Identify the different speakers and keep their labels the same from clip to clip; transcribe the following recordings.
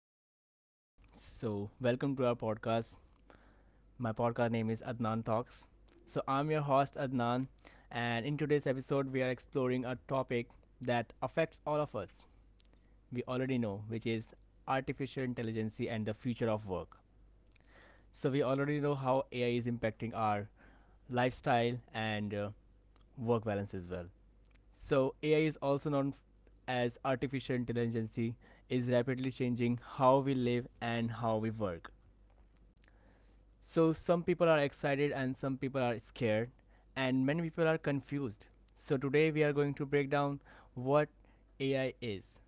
Speaker 1: hello everyone. So, welcome to our podcast. My podcast name is Adnan Talks. So, I'm your host Adnan, and in today's episode, we are exploring a topic that affects all of us. We already know, which is artificial intelligence and the future of work. So, we already know how AI is impacting our lifestyle and work balance as well. So, AI is also as artificial intelligence is rapidly changing how we live and how we work. So, some people are excited and some people are scared, and many people are confused. So, today we are going to break down what AI is,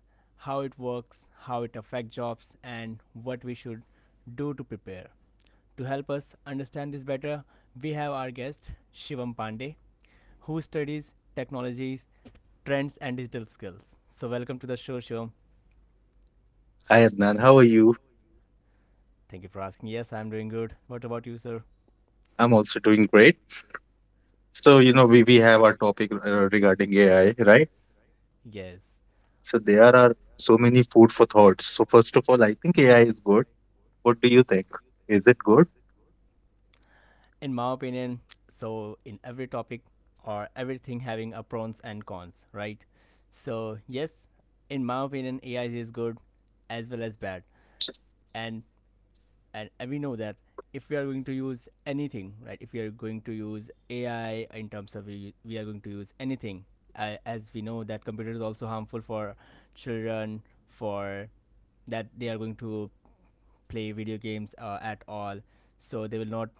Speaker 1: how it works, how it affects jobs, and what we should do to prepare. To help us understand this better, we have our guest Shivam Pandey, who studies technologies, trends, and digital skills. So, welcome to the show, Shivam.
Speaker 2: Hi Adnan, how are you?
Speaker 1: Thank you for asking. Yes, I'm doing good. What about you, sir?
Speaker 2: I'm also doing great. So, we have our topic regarding AI, right?
Speaker 1: Yes.
Speaker 2: So, there are so many food for thoughts. So, first of all, I think AI is good. What do you think? Is it good?
Speaker 1: In my opinion, so in every topic or everything having a pros and cons, right? So yes, in my opinion, AI is good as well as bad, and and we know that if we are going to use anything, right? If we are going to use AI, in terms of we are going to use anything, as we know that computer is also harmful for children, for that they are going to play video games at all. So they will not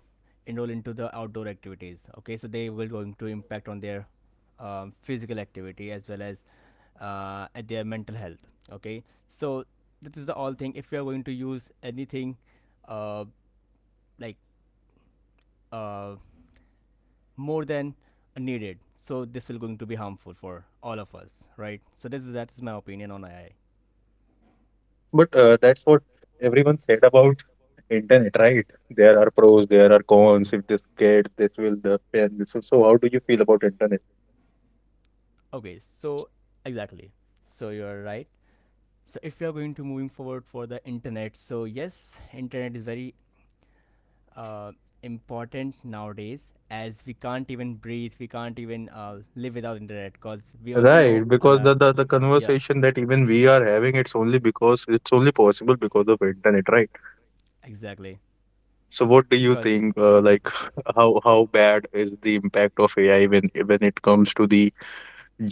Speaker 1: enroll into the outdoor activities. Okay, so they will going to impact on their physical activity as well as at their mental health. Okay, so this is the all thing. If you are going to use anything, uh, like uh, more than needed, so this will going to be harmful for all of us, right? So this is that is my opinion on AI.
Speaker 2: But that's what everyone said about internet, right? There are pros, there are cons. If this kid, this will the pen. This will. So, how do you feel about internet?
Speaker 1: Okay, so exactly, so you're right. So if we are going to moving forward for the internet, so yes, internet is very uh, important nowadays, as we can't even breathe, we can't even live without internet, because we already
Speaker 2: Right,
Speaker 1: know on
Speaker 2: because
Speaker 1: our,
Speaker 2: the
Speaker 1: yeah,
Speaker 2: conversation that even we are having, it's only because it's only possible because of internet, right?
Speaker 1: exactly,
Speaker 2: So what do you
Speaker 1: because
Speaker 2: think? Like, how bad is the impact of AI when it comes to the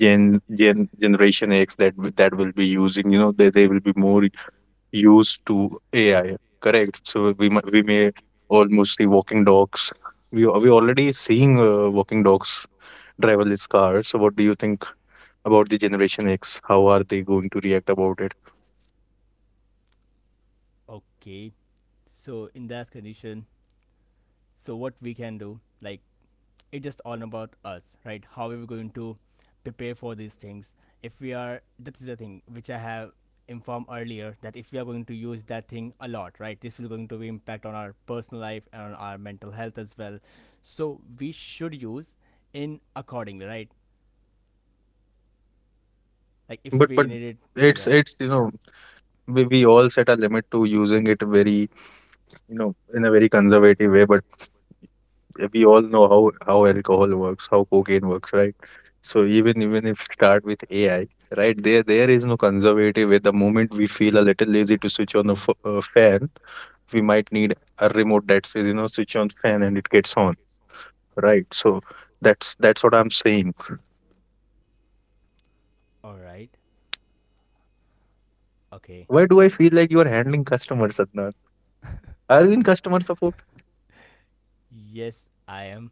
Speaker 2: generation X that that will be using? You know, they will be more used to AI. Correct. So we may almost see walking dogs. We already seeing walking dogs, driverless cars. So what do you think about the generation X? How are they going to react about it?
Speaker 1: okay, so in that condition, so what we can do, like, it's just all about us, right? How are we going to prepare for these things? If we are, that is the thing which I have informed earlier, that if we are going to use that thing a lot, right? This will going to be impact on our personal life and on our mental health as well. So we should use in accordingly, right? Like if
Speaker 2: But
Speaker 1: we
Speaker 2: but
Speaker 1: need it,
Speaker 2: it's
Speaker 1: yeah.
Speaker 2: it's we all set a limit to using it very in a very conservative way. But we all know how alcohol works, how cocaine works, right? So even if start with AI, right? There is no conservative way. The moment we feel a little lazy to switch on the fan, we might need a remote that says switch on fan and it gets on, right? So that's what I'm saying.
Speaker 1: All right. Okay.
Speaker 2: Why do I feel like you are handling customers, Adnan? Are you in customer support?
Speaker 1: Yes, I am,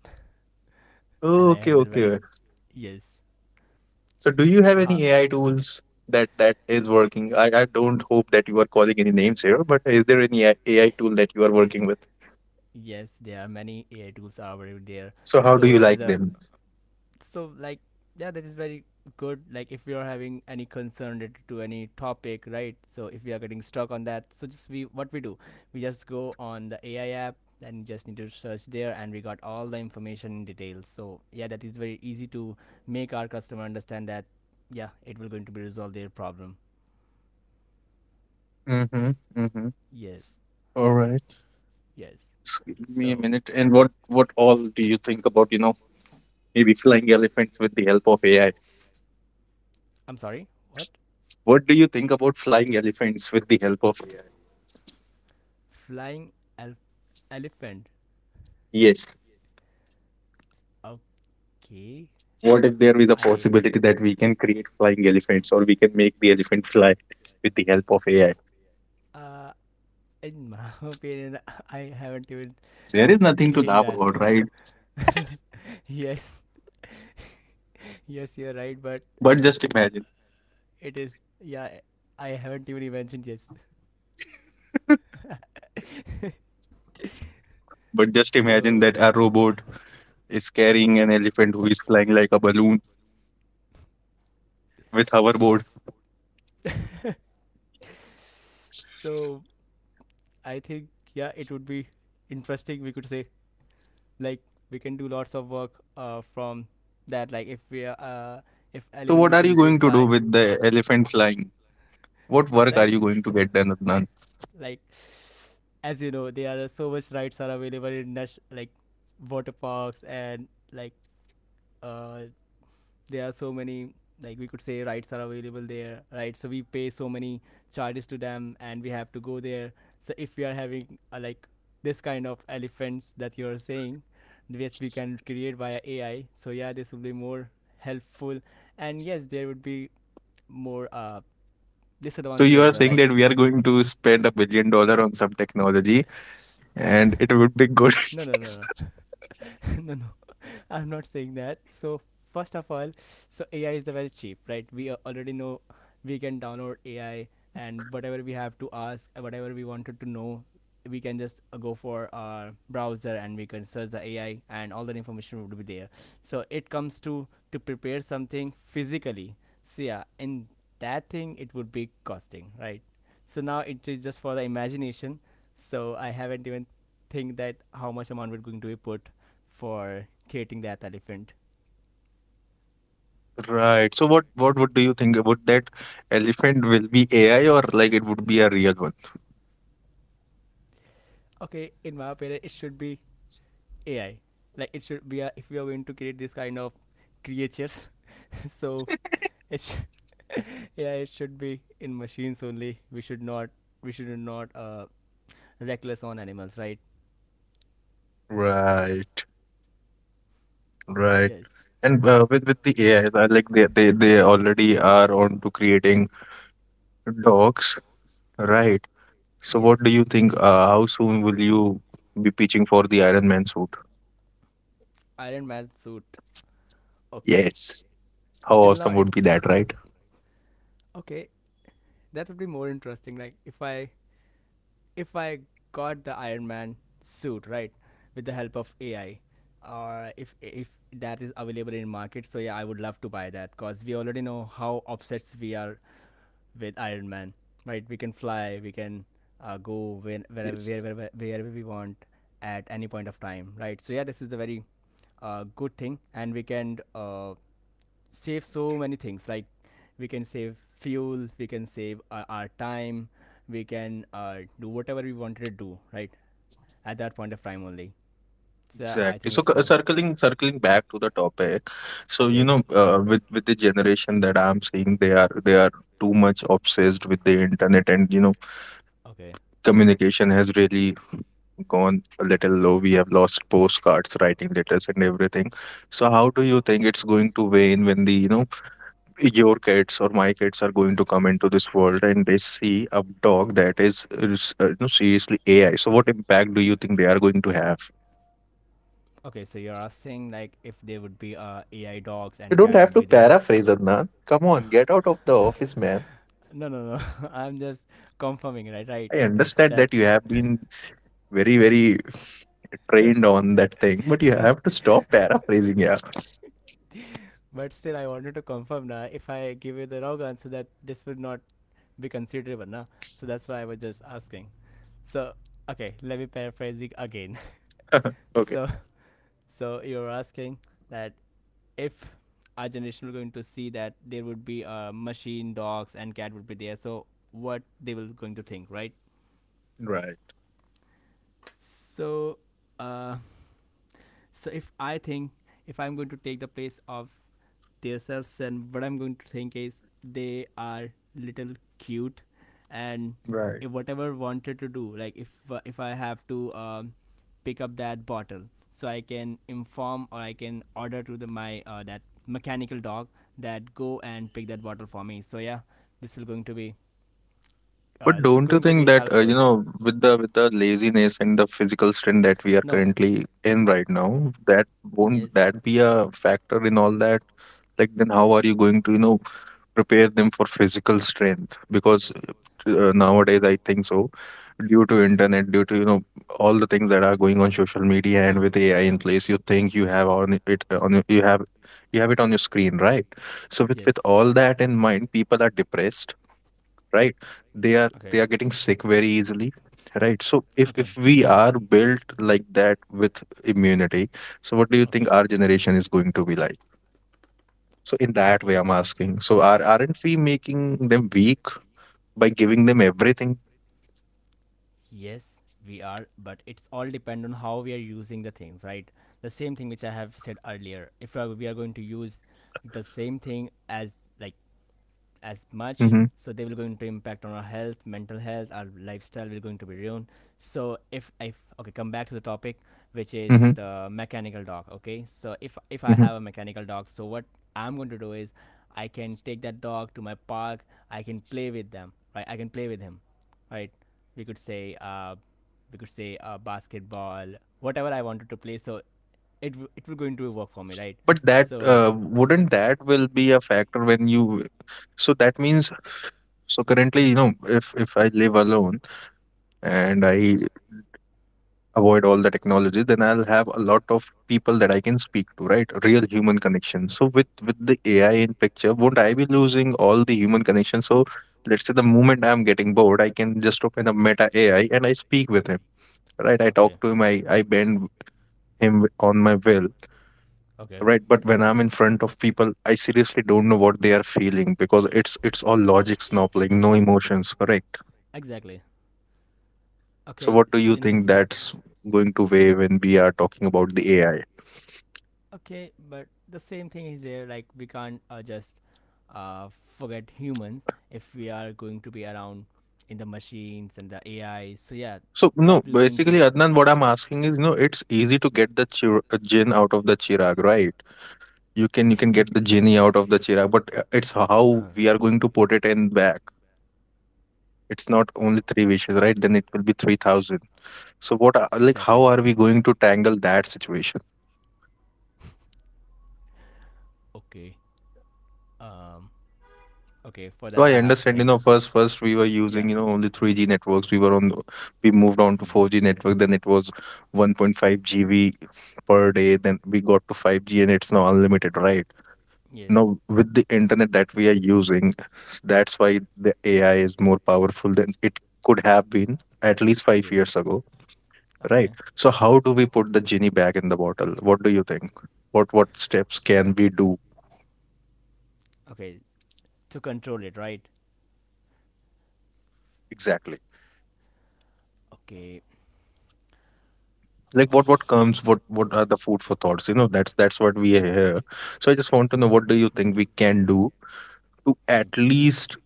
Speaker 1: and
Speaker 2: Oh,
Speaker 1: I
Speaker 2: okay,
Speaker 1: handle very.
Speaker 2: okay.
Speaker 1: Yes.
Speaker 2: So do you have
Speaker 1: How,
Speaker 2: any AI tools that that is working? I don't hope that you are calling any names here, but is there any AI tool that you are working with?
Speaker 1: yes, there are many AI tools are already there.
Speaker 2: So how do
Speaker 1: So
Speaker 2: you
Speaker 1: that
Speaker 2: like
Speaker 1: is a,
Speaker 2: them?
Speaker 1: so like, yeah, that is very good. Like if you're having any concern related to any topic, right? So if we are getting stuck on that, so just, we, what we do, we just go on the AI app and just need to search there, and we got all the information in detail. So yeah, that is very easy to make our customer understand that yeah, it will going to be resolve their problem.
Speaker 2: Mm-hmm. Mm-hmm.
Speaker 1: Yes.
Speaker 2: All right.
Speaker 1: Yes.
Speaker 2: Just give me a
Speaker 1: So
Speaker 2: minute. And what all do you think about, maybe flying elephants with the help of AI?
Speaker 1: I'm sorry, what?
Speaker 2: What do you think about flying elephants with the help of AI?
Speaker 1: flying elf- elephant.
Speaker 2: Yes.
Speaker 1: Okay.
Speaker 2: What if there is a
Speaker 1: I,
Speaker 2: possibility that we can create flying elephants or we can make the elephant fly with the help of AI?
Speaker 1: uh in my opinion, I haven't even
Speaker 2: There is nothing to
Speaker 1: think
Speaker 2: laugh
Speaker 1: that.
Speaker 2: about, right?
Speaker 1: Yes, yes, you're right, but
Speaker 2: But just imagine,
Speaker 1: it is, yeah. I haven't even mentioned, yes.
Speaker 2: but just imagine
Speaker 1: so,
Speaker 2: that a robot is carrying an elephant who is flying like a balloon with hoverboard.
Speaker 1: so I think, yeah, it would be interesting. We could say, like, we can do lots of work from that. Like if we are if
Speaker 2: So
Speaker 1: element will
Speaker 2: what are you
Speaker 1: going to
Speaker 2: going to do
Speaker 1: fly,
Speaker 2: with the elephant flying? What work are
Speaker 1: like
Speaker 2: you going to get done, Adnan?
Speaker 1: like as you know, there are so much rides are available in like water parks and like, uh there are so many like, we could say rides are available there, right? So we pay so many charges to them and we have to go there. So if we are having like this kind of elephants that you are saying, which we can create via AI, so yeah, this will be more helpful. And yes, there would be more
Speaker 2: So
Speaker 1: disadvantages
Speaker 2: you
Speaker 1: as
Speaker 2: are
Speaker 1: well,
Speaker 2: saying
Speaker 1: like,
Speaker 2: that we are going to spend a billion dollar on some technology and it would be good.
Speaker 1: no, no, no, no. No, no, I'm not saying that. So first of all, so AI is the very cheap, right? Already know we can download AI, and whatever we have to ask, whatever we wanted to know, we can just go for our browser and we can search the AI, and all that information would be there. So it comes to prepare something physically. So yeah, in that thing it would be costing, right? So now it is just for the imagination. So I haven't even think that how much amount we're going to be put for creating that elephant.
Speaker 2: Right. So what would do you think about that elephant will be AI or like it would be a real one?
Speaker 1: Okay, in my opinion, it should be AI. Like it should be a, if we are going to create this kind of creatures, so it should, yeah, it should be in machines only. We should not reckless on animals, right?
Speaker 2: Right. Right.
Speaker 1: Yes,
Speaker 2: And with the AI, like, they already are on to creating dogs, right. So what do
Speaker 1: yes.
Speaker 2: you think? How soon will you be pitching for the Iron Man suit?
Speaker 1: Iron Man suit. Okay.
Speaker 2: Yes. How
Speaker 1: Till now
Speaker 2: awesome
Speaker 1: it,
Speaker 2: would be that, right?
Speaker 1: okay, that would be more interesting. Like if I got the Iron Man suit, right, with the help of AI, or if that is available in market, so yeah, I would love to buy that, because we already know how obsessed we are with Iron Man. Right, we can fly, we can go when, wherever,
Speaker 2: Yes.
Speaker 1: wherever, wherever we want at any point of time. Right, so yeah, this is the very good thing, and we can save so many things, like we can save fuel, we can save our time, we can do whatever we wanted to do, right, at that point of time only. So I
Speaker 2: Exactly.
Speaker 1: think
Speaker 2: So
Speaker 1: it's a,
Speaker 2: circling back to the topic. So you
Speaker 1: okay,
Speaker 2: know, with the generation that I'm seeing, they are too much obsessed with the internet, and you know,
Speaker 1: okay,
Speaker 2: communication has really gone a little low. We have lost postcards, writing letters, and everything. So how do you think it's going to wane when the your kids or my kids are going to come into this world and they see a dog that is you know, seriously AI. So, what impact do you think they are going to have?
Speaker 1: okay, so you're asking like if there would be AI dogs
Speaker 2: You
Speaker 1: and
Speaker 2: don't
Speaker 1: cat
Speaker 2: have
Speaker 1: would
Speaker 2: to
Speaker 1: be there.
Speaker 2: paraphrase, Adnan. Come on, get out of the office, man.
Speaker 1: No, no, no, I'm just confirming, right, right,
Speaker 2: I understand
Speaker 1: that,
Speaker 2: that you have been very, very trained on that thing, but you have to stop paraphrasing. Yeah.
Speaker 1: but still I wanted to confirm now. If I give you the wrong answer, that this would not be considerable now. So that's why I was just asking. So okay, let me paraphrase it again.
Speaker 2: Okay.
Speaker 1: So, so you're asking that if our generation were going to see that there would be a machine, dogs, and cat would be there, so what they were going to think, right?
Speaker 2: Right.
Speaker 1: So, uh, so if I think, if I'm going to take the place of themselves, then what I'm going to think is they are little cute, and
Speaker 2: Right.
Speaker 1: if whatever wanted to do, like if I have to pick up that bottle, so I can inform or I can order to the my that mechanical dog, that go and pick that bottle for me. So yeah, this is going to be,
Speaker 2: But
Speaker 1: this is
Speaker 2: don't you
Speaker 1: going to
Speaker 2: think
Speaker 1: be
Speaker 2: that you
Speaker 1: helpful.
Speaker 2: know, with the laziness and the physical strain that we are
Speaker 1: No.
Speaker 2: currently in right now, that won't
Speaker 1: Yes.
Speaker 2: that be a factor in all that? Like then, how are you going to prepare them for physical strength? Because nowadays, I think so, due to internet, due to all the things that are going on social media and with AI
Speaker 1: Okay.
Speaker 2: in place, you think you have on it on you have it on your screen, right? So
Speaker 1: Yes.
Speaker 2: with all that in mind, people are depressed, right, they are
Speaker 1: Okay.
Speaker 2: they are getting sick very easily, right, so if we are built like that with immunity, so what do you
Speaker 1: Okay.
Speaker 2: think
Speaker 1: Okay.
Speaker 2: our generation is going to be like? So in that way,
Speaker 1: Okay.
Speaker 2: I'm asking, so are aren't we making them weak by giving them everything?
Speaker 1: Yes, we are, but it's all depend on how we are using the things, right? The same thing which I have said earlier. If we are going to use the same thing as like as much,
Speaker 2: Mm-hmm,
Speaker 1: so they will going to impact on our health, mental health, our lifestyle will going to be ruined. So if okay, come back to the topic, which is
Speaker 2: mm-hmm,
Speaker 1: the mechanical dog. Okay, so if I
Speaker 2: mm-hmm.
Speaker 1: have a mechanical dog, so what I'm going to do is I can take that dog to my park, I can play with them, right? I can play with him, right? We could say uh we could say uh, basketball, whatever I wanted to play. So it will going to work for me, right?
Speaker 2: But that
Speaker 1: So
Speaker 2: wouldn't that will be a factor when you, so that means, so currently, you know, if I live alone,
Speaker 1: yeah.
Speaker 2: and I avoid all the technology, then I'll have a lot of people that I can speak to, right? Real human connection. So with the AI in picture, won't I be losing all the human connection? So let's say the moment I'm getting bored, I can just open up Meta AI and I speak with him, right? I
Speaker 1: Okay.
Speaker 2: talk
Speaker 1: When
Speaker 2: to him, I bend him on my will,
Speaker 1: I bend, okay.
Speaker 2: right? But when I'm in front of people, I seriously don't know what they are feeling because it's all logics now, like no emotions. Correct?
Speaker 1: Exactly.
Speaker 2: So
Speaker 1: Okay.
Speaker 2: what do
Speaker 1: So
Speaker 2: you think that's going to wave when we are talking about the AI?
Speaker 1: okay, but the same thing is there. Like we can't just uh, forget humans if we are going to be around in the machines and the AI. So yeah,
Speaker 2: So
Speaker 1: that
Speaker 2: no,
Speaker 1: will going
Speaker 2: basically,
Speaker 1: to
Speaker 2: Adnan, what I'm asking is, you know, it's easy to get the jinn out of the chirag, right? You can
Speaker 1: okay.
Speaker 2: get the genie out of the chirag, but it's how
Speaker 1: uh,
Speaker 2: we are going to put it in back. It's not only three wishes, right? Then it will be three thousand. So what, like, how
Speaker 1: exactly.
Speaker 2: are we going to tangle that situation?
Speaker 1: Okay. Um, okay, for
Speaker 2: So
Speaker 1: that,
Speaker 2: I
Speaker 1: I have to
Speaker 2: understand, you
Speaker 1: think.
Speaker 2: know, first we were
Speaker 1: Yeah.
Speaker 2: using, you know, only 3G networks. We moved on to
Speaker 1: Mhm.
Speaker 2: 4G network. Then it was 1.5 GB per day. Then we got to 5G, and it's now unlimited, right?
Speaker 1: Yes.
Speaker 2: Now, with the internet that we are using, that's why the AI is more powerful than it could have been at least 5 years
Speaker 1: Yes.
Speaker 2: ago,
Speaker 1: Okay.
Speaker 2: right? So, how do we put the genie back in the bottle? What do you think? What steps can we do
Speaker 1: Okay. To control it, right?
Speaker 2: exactly?
Speaker 1: Okay.
Speaker 2: Like what comes? What are the food for thoughts? You know, that's what we are here. So, I just want to know what do you think
Speaker 1: Mhm.
Speaker 2: we can do to at
Speaker 1: Hmm.
Speaker 2: least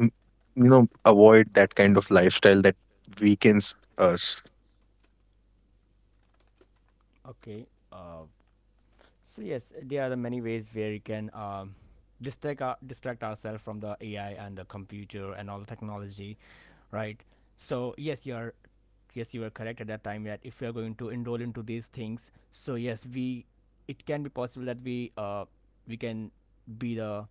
Speaker 2: m- you know avoid that kind of lifestyle that weakens us.
Speaker 1: Okay. Uh, so yes, there are the many ways where we can distract ourselves from the AI and the computer and all the technology, right? So yes, you are, yes, you are correct at that time, that if we are going to enroll into these things, so yes, we, it can be possible that we, we can be the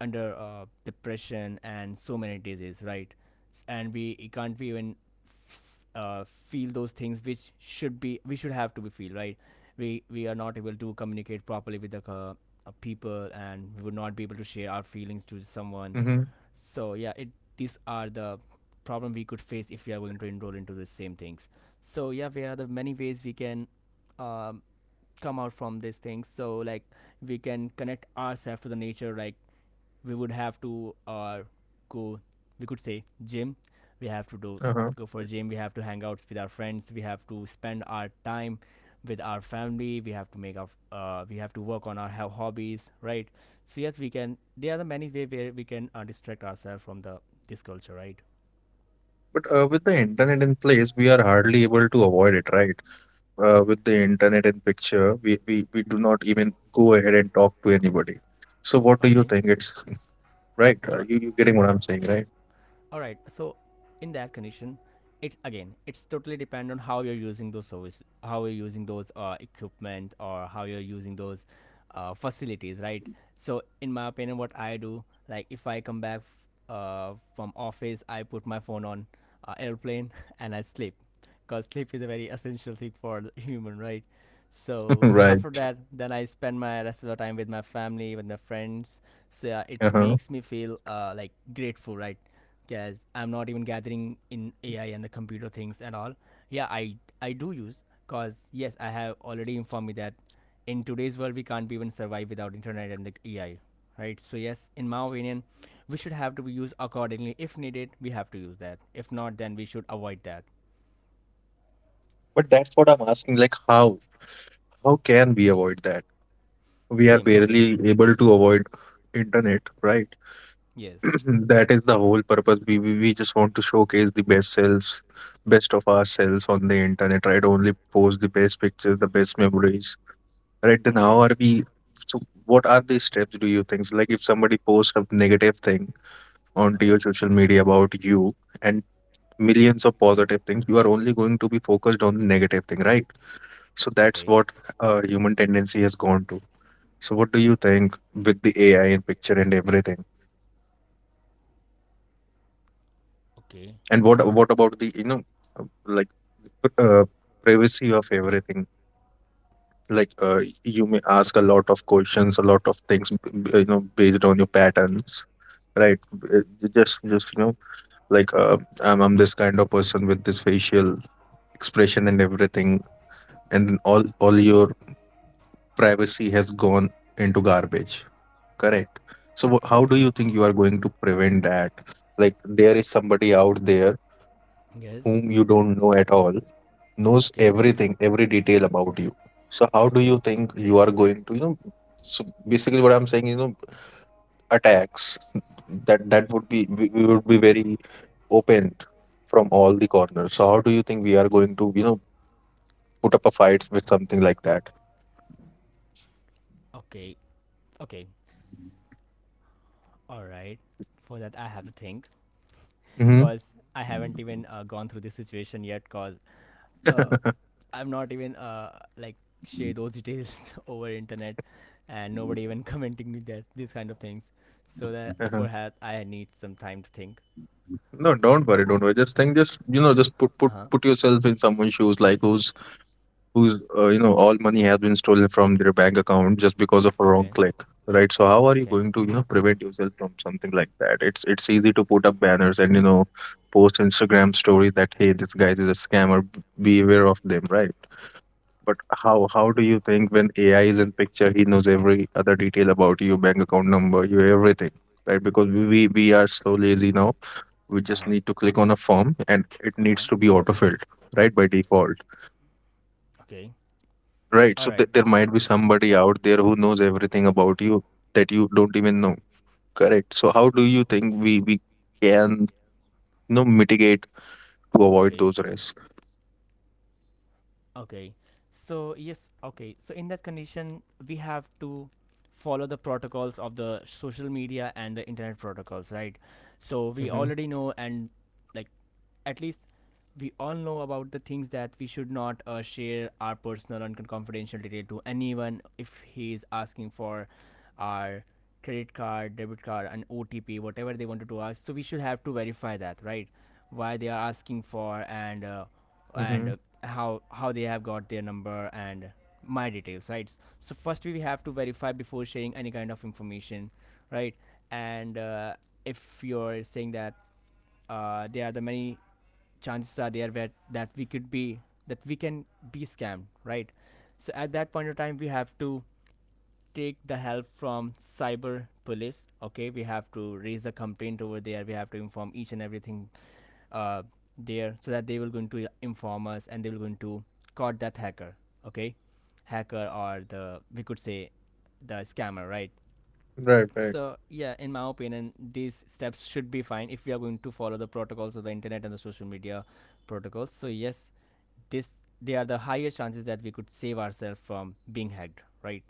Speaker 1: under depression and so many diseases, right? And we it can't be even feel those things which should be we should have to be feel, right? We are not able to communicate properly with the people, and we would not be able to share our feelings to someone.
Speaker 2: Mm-hmm.
Speaker 1: So yeah, it these are the problem we could face if we are going to enroll into the same things. So yeah, there are the many ways we can um, come out from these things. So like we can connect ourselves to the nature, like we would have to go, we could say gym, we have to do, go for gym, we have to hang out with our friends, we have to spend our time with our family, we have to make our we have to work on our hobbies, right? So yes, we can, there are the many ways where we can distract ourselves from the this culture, right?
Speaker 2: But with the internet in place, we are hardly able to avoid it, right? With the internet in picture, we do not even go ahead and talk to anybody. So what do you
Speaker 1: Okay.
Speaker 2: think? It's right.
Speaker 1: No, no,
Speaker 2: You
Speaker 1: it,
Speaker 2: you getting what I'm saying, right?
Speaker 1: all right, so in that condition, it's again, it's totally depend on how you're using those service, how you're using those equipment, or how you're using those facilities, right? So in my opinion, what I do, like if I come back from office, I put my phone on airplane and I sleep, because sleep is a very essential thing for the human, right? So
Speaker 2: Right.
Speaker 1: after that, then I spend my rest of the time with my family, with my friends. So yeah, it
Speaker 2: Uh-huh.
Speaker 1: makes me feel like grateful, right? Because I'm not even gathering in AI and the computer things and all. Yeah, I do use, because yes, I have already informed me that in today's world we can't even survive without internet and the AI, right? So yes, in my opinion, we should have to use accordingly. If needed, we have to use that. If not, then we should avoid that.
Speaker 2: But that's what I'm asking. Like how can we avoid that? We are
Speaker 1: Same. Okay.
Speaker 2: barely able to avoid internet, right?
Speaker 1: Yes.
Speaker 2: That is the whole purpose. We just want to showcase the best selves, best of ourselves on the internet, right? Only post the best pictures, the best memories, right? Then how
Speaker 1: Okay.
Speaker 2: are we, so what are the steps do you think, so like if somebody posts a negative thing onto your
Speaker 1: Okay.
Speaker 2: social media about you and millions of
Speaker 1: Uh-huh.
Speaker 2: positive things, you are only going to be focused on the negative thing, right? So that's
Speaker 1: Okay.
Speaker 2: what human tendency has gone to. So what do you think with the AI and picture and everything,
Speaker 1: Okay.
Speaker 2: and what about the you know uh, like uh, privacy of everything, like you may ask a lot of questions, a lot of things, you know, based on your patterns, right? uh, just you know, like, I'm this kind of person with this facial expression and everything, and all your privacy has gone into garbage, correct? So how do
Speaker 1: Okay.
Speaker 2: you think you are going to prevent that? Like there is somebody out there
Speaker 1: Yes.
Speaker 2: whom you don't know at all, knows
Speaker 1: Okay.
Speaker 2: everything, every detail about you. So how do you
Speaker 1: Okay.
Speaker 2: think you are going to you know, so basically what I'm saying, you know, attacks, that that would be, we would be very opened from all the corners. So how do you think we are going to, you know, put up a fight with something like that?
Speaker 1: Okay. Okay. All right. For that, I have to think.
Speaker 2: Hmm.
Speaker 1: Because I haven't even gone through this situation yet, because uh, I'm not even like
Speaker 2: Uh-huh.
Speaker 1: share those details over internet, and nobody even commenting me that these kind of things. So that, for that I need some time to think.
Speaker 2: No, don't worry, don't worry. Just think, just just put put
Speaker 1: Uh-huh.
Speaker 2: put yourself in someone's shoes, like who's who's you know, all money has been stolen from their bank account just because of a wrong
Speaker 1: Okay.
Speaker 2: click, right? So how are you
Speaker 1: Okay.
Speaker 2: going to prevent yourself from something like that? It's easy to put up banners and you know post Instagram stories that hey, this guy is a scammer. Be aware of them, right? But how do you think when AI is in picture, he knows every other detail about you, bank account number, you everything, right? Because we are so lazy now. We just
Speaker 1: Uh-huh.
Speaker 2: need to click on a form, and it
Speaker 1: Uh-huh.
Speaker 2: needs to be autofilled, right, by default,
Speaker 1: Okay.
Speaker 2: right?
Speaker 1: All
Speaker 2: So
Speaker 1: right.
Speaker 2: there might be somebody out there who knows everything about you that you don't even know, correct? So how do you think we can you know mitigate to avoid
Speaker 1: Okay.
Speaker 2: those risks?
Speaker 1: Okay. So yes, okay. So in that condition, we have to follow the protocols of the social media and the internet protocols, right? So we
Speaker 2: Mm-hmm.
Speaker 1: already know, and like at least we all know about the things that we should not share our personal and confidential detail to anyone if he is asking for our credit card, debit card, and OTP, whatever they wanted to ask. So we should have to verify that, right? Why they are asking for, and
Speaker 2: Mm-hmm.
Speaker 1: and uh, how they have got their number and my details, right? So first we have to verify before sharing any kind of information, right? And if you're saying that there are the many chances are there that we could be, that we can be scammed, right? So at that point of time we have to take the help from cyber police. Okay, we have to raise a complaint over there, we have to inform each and everything uh, there, so that they will going to inform us, and they will going to caught that hacker. Okay, hacker or the we could say the scammer, right?
Speaker 2: Right, right,
Speaker 1: So yeah, in my opinion, these steps should be fine if we are going to follow the protocols of the internet and the social media protocols. So yes, this, they are the higher chances that we could save ourselves from being hacked, right?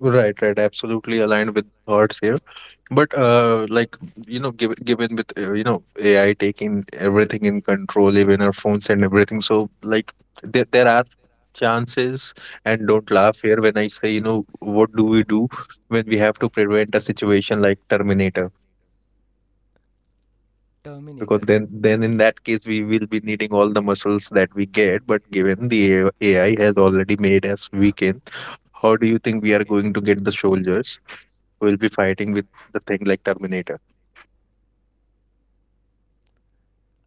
Speaker 2: right, right. Absolutely aligned with thoughts here. But
Speaker 1: Yes.
Speaker 2: like you know, given with you know AI taking everything in control, even our phones and everything, so like there are chances. And don't laugh here when I say you know what do we do when we have to prevent a situation like Terminator? Because
Speaker 1: Terminator.
Speaker 2: then in that case we will be needing all the muscles that we get. But given the AI has already made us weakened, how do you think we are
Speaker 1: Okay.
Speaker 2: going to get the soldiers who will be fighting with the thing like Terminator?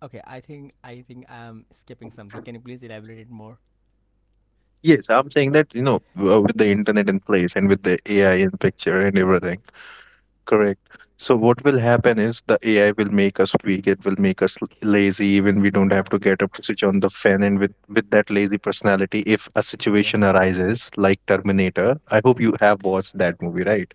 Speaker 1: Okay, I think I'm skipping something. Can you please elaborate it more?
Speaker 2: Yes, I'm saying that, you know, with the internet in place and with the AI in picture and everything. Correct. So what will happen is the AI will make us weak. It will make us lazy. Even we don't have to get up to switch on the fan. And with that lazy personality, if a
Speaker 1: Okay.
Speaker 2: situation arises like Terminator, I hope you have
Speaker 1: Okay.
Speaker 2: watched that movie, right?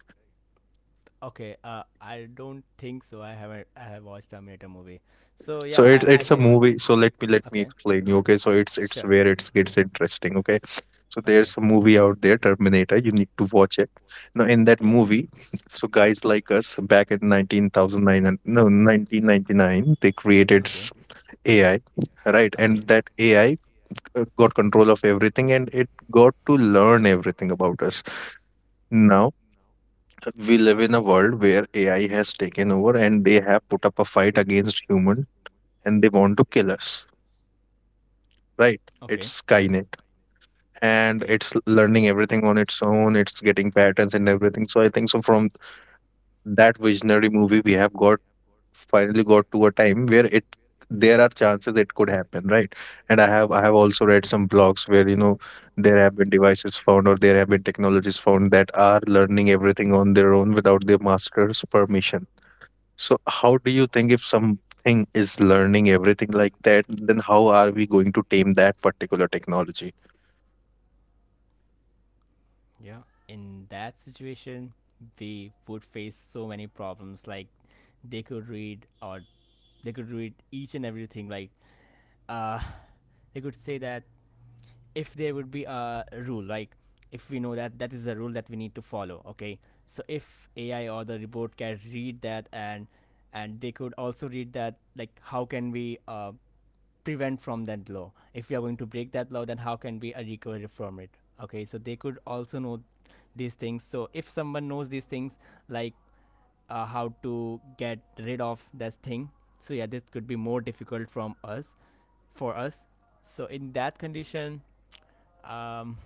Speaker 1: Okay, I don't think so. I haven't. I have watched Terminator movie. So yeah,
Speaker 2: So
Speaker 1: I
Speaker 2: it's a
Speaker 1: can.
Speaker 2: movie. So let me
Speaker 1: Okay,
Speaker 2: explain you. Okay, so it's
Speaker 1: sure.
Speaker 2: where it gets interesting. Okay, so
Speaker 1: Okay,
Speaker 2: there's a movie out there, Terminator. You need to watch it. Now in that
Speaker 1: okay,
Speaker 2: movie, so guys like us back in 19,009 no 1999, they created
Speaker 1: okay,
Speaker 2: AI, right? And
Speaker 1: okay.
Speaker 2: that AI got control of everything, and it got to learn everything about us. Now we
Speaker 1: Uh
Speaker 2: live
Speaker 1: huh.
Speaker 2: in a world where AI has taken over, and they have put up a fight against human, and they want to kill us, right?
Speaker 1: Okay.
Speaker 2: It's Skynet and
Speaker 1: Okay.
Speaker 2: it's learning everything on its own, it's getting patterns and everything. So I think so from that visionary movie we have got finally got to a time where it there are chances it could happen, right? And I have also read some blogs where, you know, there have been devices found or there have been technologies found that are learning everything on their own without their master's permission. So how do you think if something is learning everything like that, then how are we going to tame that particular technology?
Speaker 1: From Yeah. In that situation, we would face so many problems. Like they could read, or they could read each and everything. Like uh, they could say that if there would be a rule, like if we know that that is a rule that we need to follow. Okay. So if AI or the robot can read that, and they could also read that, like how can we prevent from that law, if we are going to break that law, then how can we recover from it. Okay, so they could also know these things. So if someone knows these things, like how to get rid of this thing, so yeah, this could be more difficult from us, for us. So in that condition, um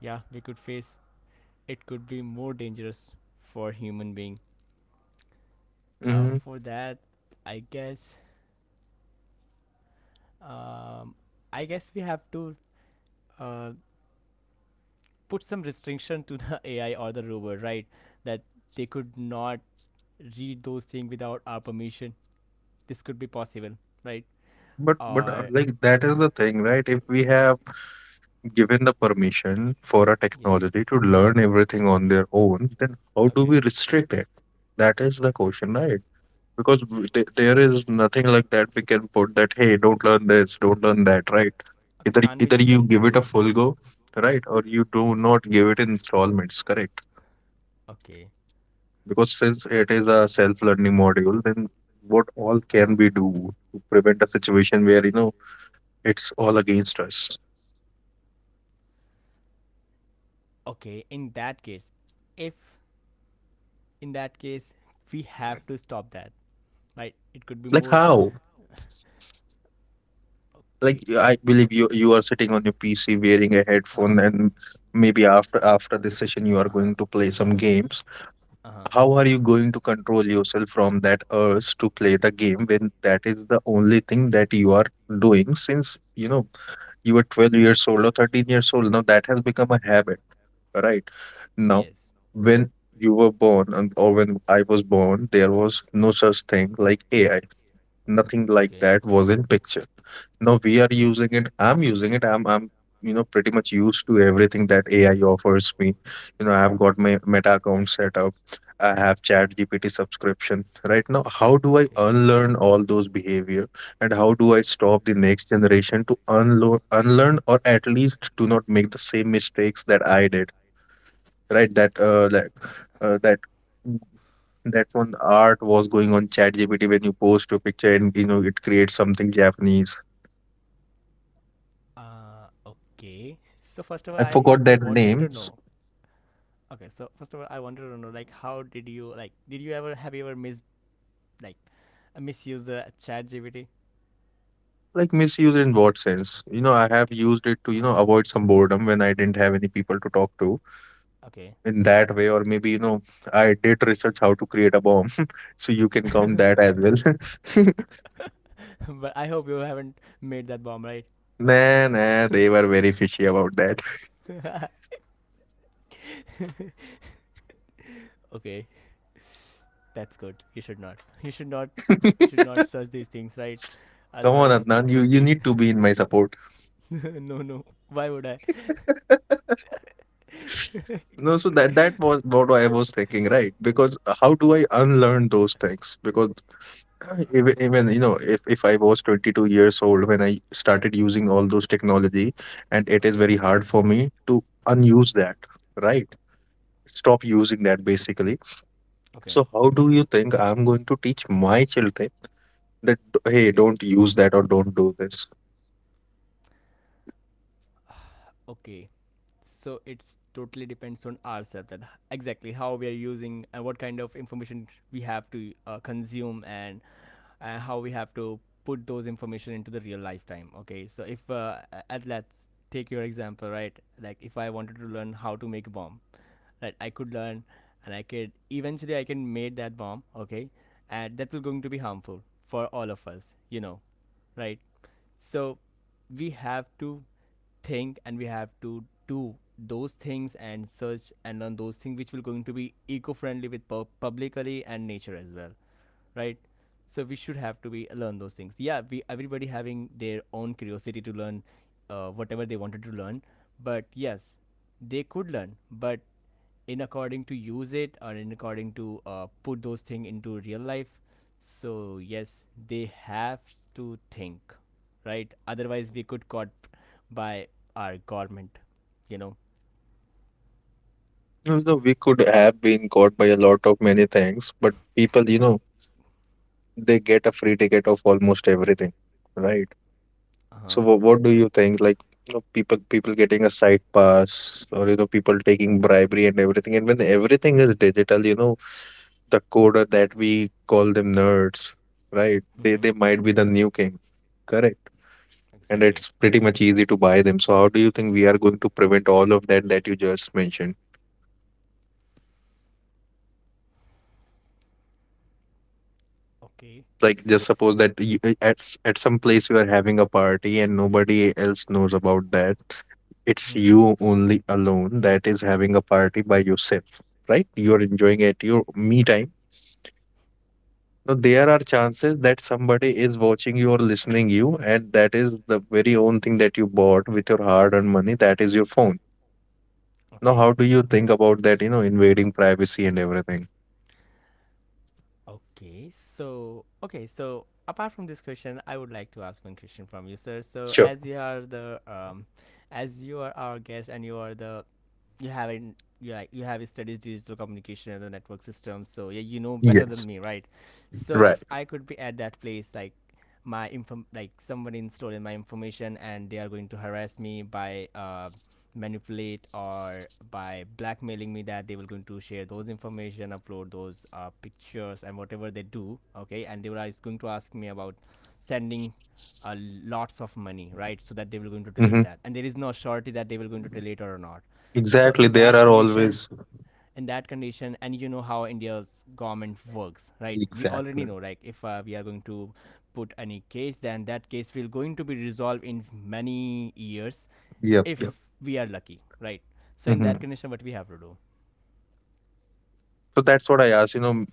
Speaker 1: yeah, we could face, it could be more dangerous for human being. uh,
Speaker 2: Mm,
Speaker 1: for that I guess, um I guess we have to uh, put some restriction to the AI or the robot, right? That they could not read those things without our permission. This could be possible, right?
Speaker 2: but
Speaker 1: Or
Speaker 2: like that is the thing, right? If we have given the permission for a
Speaker 1: yes,
Speaker 2: technology to learn everything on their own, then how do
Speaker 1: okay,
Speaker 2: we restrict it? That is the question, right? Because there is nothing like that we can put that, hey, don't learn this, don't learn that, right?
Speaker 1: okay,
Speaker 2: Either
Speaker 1: can't be
Speaker 2: either
Speaker 1: just
Speaker 2: you give it
Speaker 1: control.
Speaker 2: a full go, right, or you do not give it in installments, correct?
Speaker 1: Okay,
Speaker 2: Because since it is a self-learning module, then what all
Speaker 1: uh,
Speaker 2: can we do to prevent a situation where you know it's all against us.
Speaker 1: okay. In that case, if in that case we have to stop that, right? It could be
Speaker 2: Like
Speaker 1: more.
Speaker 2: how? Like
Speaker 1: Okay.
Speaker 2: I believe you are sitting on your PC wearing a
Speaker 1: Uh huh.
Speaker 2: headphone and maybe after this session you are
Speaker 1: Uh huh.
Speaker 2: going to play some games.
Speaker 1: Uh huh.
Speaker 2: How are you going to control yourself from that urge to play the game when that is the only thing that you are doing since you know you were 12 years old or 13 years old now that has become a habit, right? Now
Speaker 1: Yes.
Speaker 2: when you were born and or when I was born there was no such thing like AI, nothing like
Speaker 1: Okay.
Speaker 2: that was in picture. Now we are
Speaker 1: Okay.
Speaker 2: using it, I'm using it, I'm you know pretty much used to everything that AI offers me. You know, I've got my Meta account set up, I have chat gpt subscription right now. How do I
Speaker 1: Okay.
Speaker 2: unlearn all those behavior and how do I stop the next generation to unlearn or at least do not make the same mistakes that I did, right? That like uh, that that one art was going on ChatGPT when you post your picture and you know it creates something Japanese.
Speaker 1: Okay. So first of all,
Speaker 2: I
Speaker 1: I
Speaker 2: forgot
Speaker 1: I
Speaker 2: that
Speaker 1: wanted
Speaker 2: name.
Speaker 1: to know. Okay, so first of all, I wanted to know, like how did you, like did you ever, have you ever mis, like misuse the chat GPT?
Speaker 2: Like misuse in what sense? You know, I have used it to you
Speaker 1: Uh
Speaker 2: know avoid some boredom when I didn't have any people to talk to
Speaker 1: okay.
Speaker 2: in that way, or maybe you know I did research how to create a bomb, so you can count that as well.
Speaker 1: But I hope you haven't made that bomb, right?
Speaker 2: Nah, nah, they were very fishy about that.
Speaker 1: Okay, that's good. You should not. You should not. You should not search these things, right?
Speaker 2: Come on,
Speaker 1: Otherwise,
Speaker 2: Adnan,
Speaker 1: it
Speaker 2: you
Speaker 1: would
Speaker 2: you
Speaker 1: be.
Speaker 2: need to be in my support.
Speaker 1: No, no. Why would I?
Speaker 2: No, so that that was what I was thinking, right? Because how do I unlearn those things? Because even you know, if I was 22 years old when I started using all those technology, and it is
Speaker 1: Okay,
Speaker 2: very hard for me to unuse that, right? Stop using that basically.
Speaker 1: okay,
Speaker 2: So how do you think I'm going to teach my children that hey,
Speaker 1: okay.
Speaker 2: don't use that or don't do this?
Speaker 1: Okay. So it's totally depends on ourselves that, exactly how we are using and what kind of information we have to consume, and how we have to put those information into the real lifetime. Okay. So if at, let's take your example, right? Like if I wanted to learn how to make a bomb, right? I could learn, and I could, eventually I can make that bomb. Okay. And that will going to be harmful for all of us, you know, right? So we have to think, and we have to do those things and search and learn those things which will going to be eco-friendly with publicly and nature as well, right? So we should have to be learn those things. Yeah, we, everybody having their own curiosity to learn whatever they wanted to learn, but yes, they could learn, but in according to use it, or in according to put those things into real life. So yes, they have to think, right? Otherwise, we could caught by our government, you know.
Speaker 2: No, no, we could have been caught by a lot of many things, but people, you know, they get a free ticket of almost everything, right?
Speaker 1: Uh huh.
Speaker 2: So what do you think? Like you know, people getting a side pass, or you know, people taking bribery and everything. And when everything is digital, you know, the coder that we call them nerds, right? They
Speaker 1: Mm-hmm.
Speaker 2: they might be the new king, correct? And
Speaker 1: Exactly.
Speaker 2: it's pretty much easy to buy them. So how do you think we are going to prevent all of that that you just mentioned?
Speaker 1: Okay.
Speaker 2: Like just suppose that at at some place you are having a party and nobody else knows about that. It's
Speaker 1: Mm-hmm.
Speaker 2: you only alone that is having a party by yourself, right? You are enjoying at your me time. Now there are chances that somebody is watching you or listening you, and that is the very own thing that you bought with your hard-earned money. That is your phone. Now,
Speaker 1: Okay.
Speaker 2: how do you think about that? You know, invading privacy and everything.
Speaker 1: Okay, so okay, so apart from this question, I would like to ask one question from you, sir. So
Speaker 2: Sure.
Speaker 1: as you are the as you are our guest, and you are the, you have in you, like you have studied digital communication and the network system, so yeah, you know better than
Speaker 2: Yes.
Speaker 1: me, right? So
Speaker 2: Right.
Speaker 1: if I could be at that place, like my inform, like someone in stolen my information, and they are going to harass me by manipulate or by blackmailing me, that they were going to share those information, upload those pictures and whatever they do, okay, and they were always going to ask me about sending lots of money, right? So that they were going to delete
Speaker 2: Mm-hmm.
Speaker 1: that, and there is no surety that they were going to delete or not. So
Speaker 2: Exactly. There are always
Speaker 1: in that condition, and you know how india's government works, right? We already
Speaker 2: exactly.
Speaker 1: know, like if we are going to put any case, then that case will going to be resolved in many years,
Speaker 2: Yep.
Speaker 1: if
Speaker 2: Yep.
Speaker 1: we are lucky, right? So in
Speaker 2: Mm-hmm.
Speaker 1: that condition, what we have to do.
Speaker 2: So that's what I asked. You know,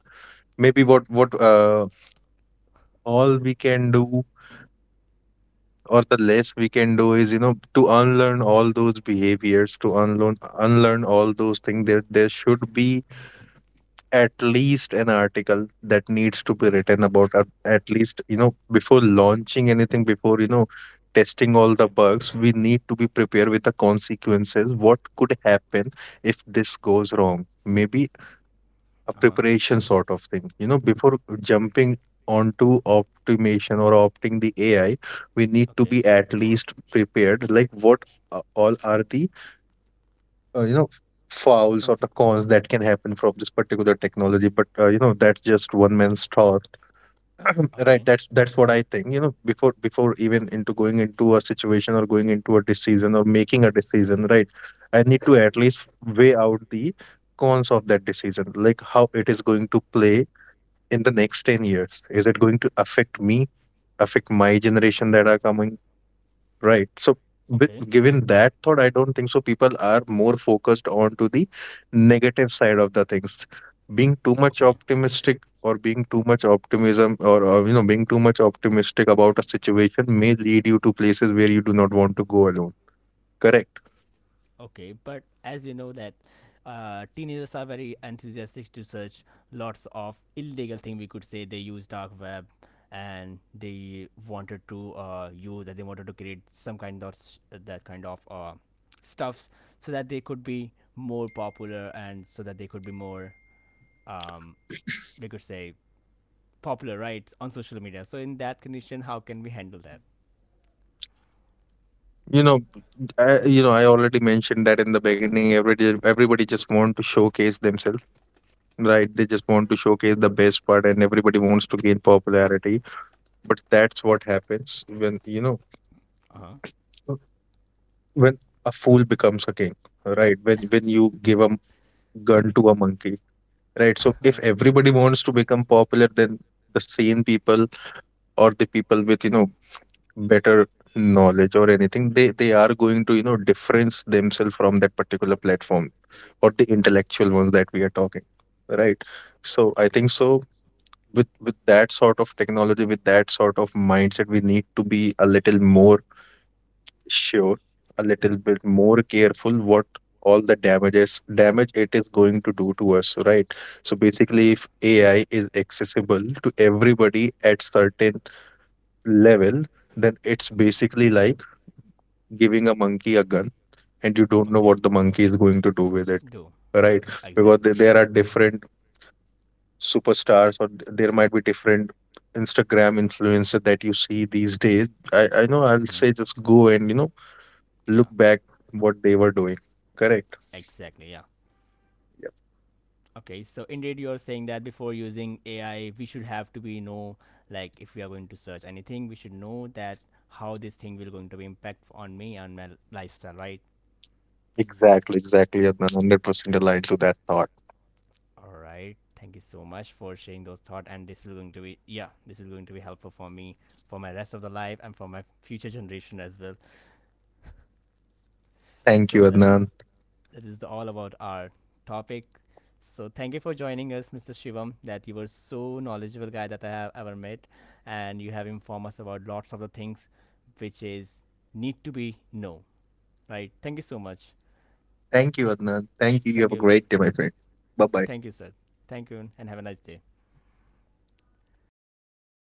Speaker 2: maybe what all we can do or the less we can do is you know to unlearn all those behaviors to unlearn all those things. There should be at least an article that needs to be written about, at least you know before launching anything, before you know testing all the
Speaker 1: Okay.
Speaker 2: bugs we need to be prepared with the consequences, what could happen if this goes wrong. Maybe a
Speaker 1: Uh-huh.
Speaker 2: preparation sort of thing. You know, before jumping onto optimization or opting the AI, we need to
Speaker 1: Okay.
Speaker 2: be at least prepared. Like what all are the you know fouls or the
Speaker 1: Consequ-
Speaker 2: cons that can happen from this particular technology? But you know, that's just one man's thought. Right,
Speaker 1: okay,
Speaker 2: that's what I think, you know, before before even into going into a situation, or going into a decision or making a decision, right? I need to at least weigh out the cons of that decision, like how it is going to play in the next 10 years, is it going to affect me, affect my generation that are coming, right? So,
Speaker 1: okay,
Speaker 2: given that thought I don't think so people are more focused on to the negative side of the things. Being too much
Speaker 1: okay.
Speaker 2: optimistic, or being too much optimism, or you know being too much optimistic about a situation may lead you to places where you do not want to go alone, correct?
Speaker 1: Okay, but as you know that teenagers are very enthusiastic to search lots of illegal thing. We could say they use dark web, and they wanted to use that, they wanted to create some kind of s-, that kind of stuffs, so that they could be more popular, and so that they could be more um, we could say popular, right, on social media. So in that condition, how can we handle that?
Speaker 2: You know, you know I already mentioned that in the beginning everybody just want to showcase themselves. Right, they just want to showcase the best part and everybody wants to gain popularity. But that's what happens when, you know,
Speaker 1: Uh
Speaker 2: uh, when a fool becomes a king, right? When you give a gun to a monkey, right? So if
Speaker 1: huh.
Speaker 2: everybody wants to become popular, then the sane people or the people with, you know, better knowledge or anything, they are going to, you know, difference themselves from that particular platform, or the intellectual ones that we are talking, right? So I
Speaker 1: Okay.
Speaker 2: think so with that sort of mindset we need to be a little more sure, a little bit more careful what all the damage it is going to do to us, right? So basically
Speaker 1: Okay.
Speaker 2: if AI is accessible to everybody at certain level, then it's
Speaker 1: Okay.
Speaker 2: basically like giving a monkey a gun and you don't know
Speaker 1: Okay.
Speaker 2: what the monkey is going to do with it,
Speaker 1: Do
Speaker 2: right? Because there
Speaker 1: exactly.
Speaker 2: there are different superstars, or there might be different Instagram influencer that you see these days. I know, I'll
Speaker 1: Mm-hmm.
Speaker 2: say just go and you know
Speaker 1: Yeah,
Speaker 2: look back what they were doing, correct?
Speaker 1: exactly. Yeah. Okay, so indeed, you're saying that before using AI, we should have to be know, like if we are going to search anything, we should know that how this thing will going to be impact on me and my lifestyle, right?
Speaker 2: Exactly, Adnan, 100% aligned to that thought.
Speaker 1: All right. Thank you so much for sharing those thoughts, and this will going to be, yeah, this is going to be helpful for me for my rest of the life, and for my future generation as well.
Speaker 2: thank you
Speaker 1: So that is,
Speaker 2: adnan
Speaker 1: this is all about our topic. So thank you for joining us, Mr. Shivam. That you were so knowledgeable guy that I have ever met, and you have informed us about lots of the things which is need to be know. Right. Thank you so much.
Speaker 2: thank you adnan Thank you, you
Speaker 1: Thank
Speaker 2: have a
Speaker 1: you.
Speaker 2: great day, my friend. Bye bye.
Speaker 1: Thank you, sir. Thank you, and have a nice day.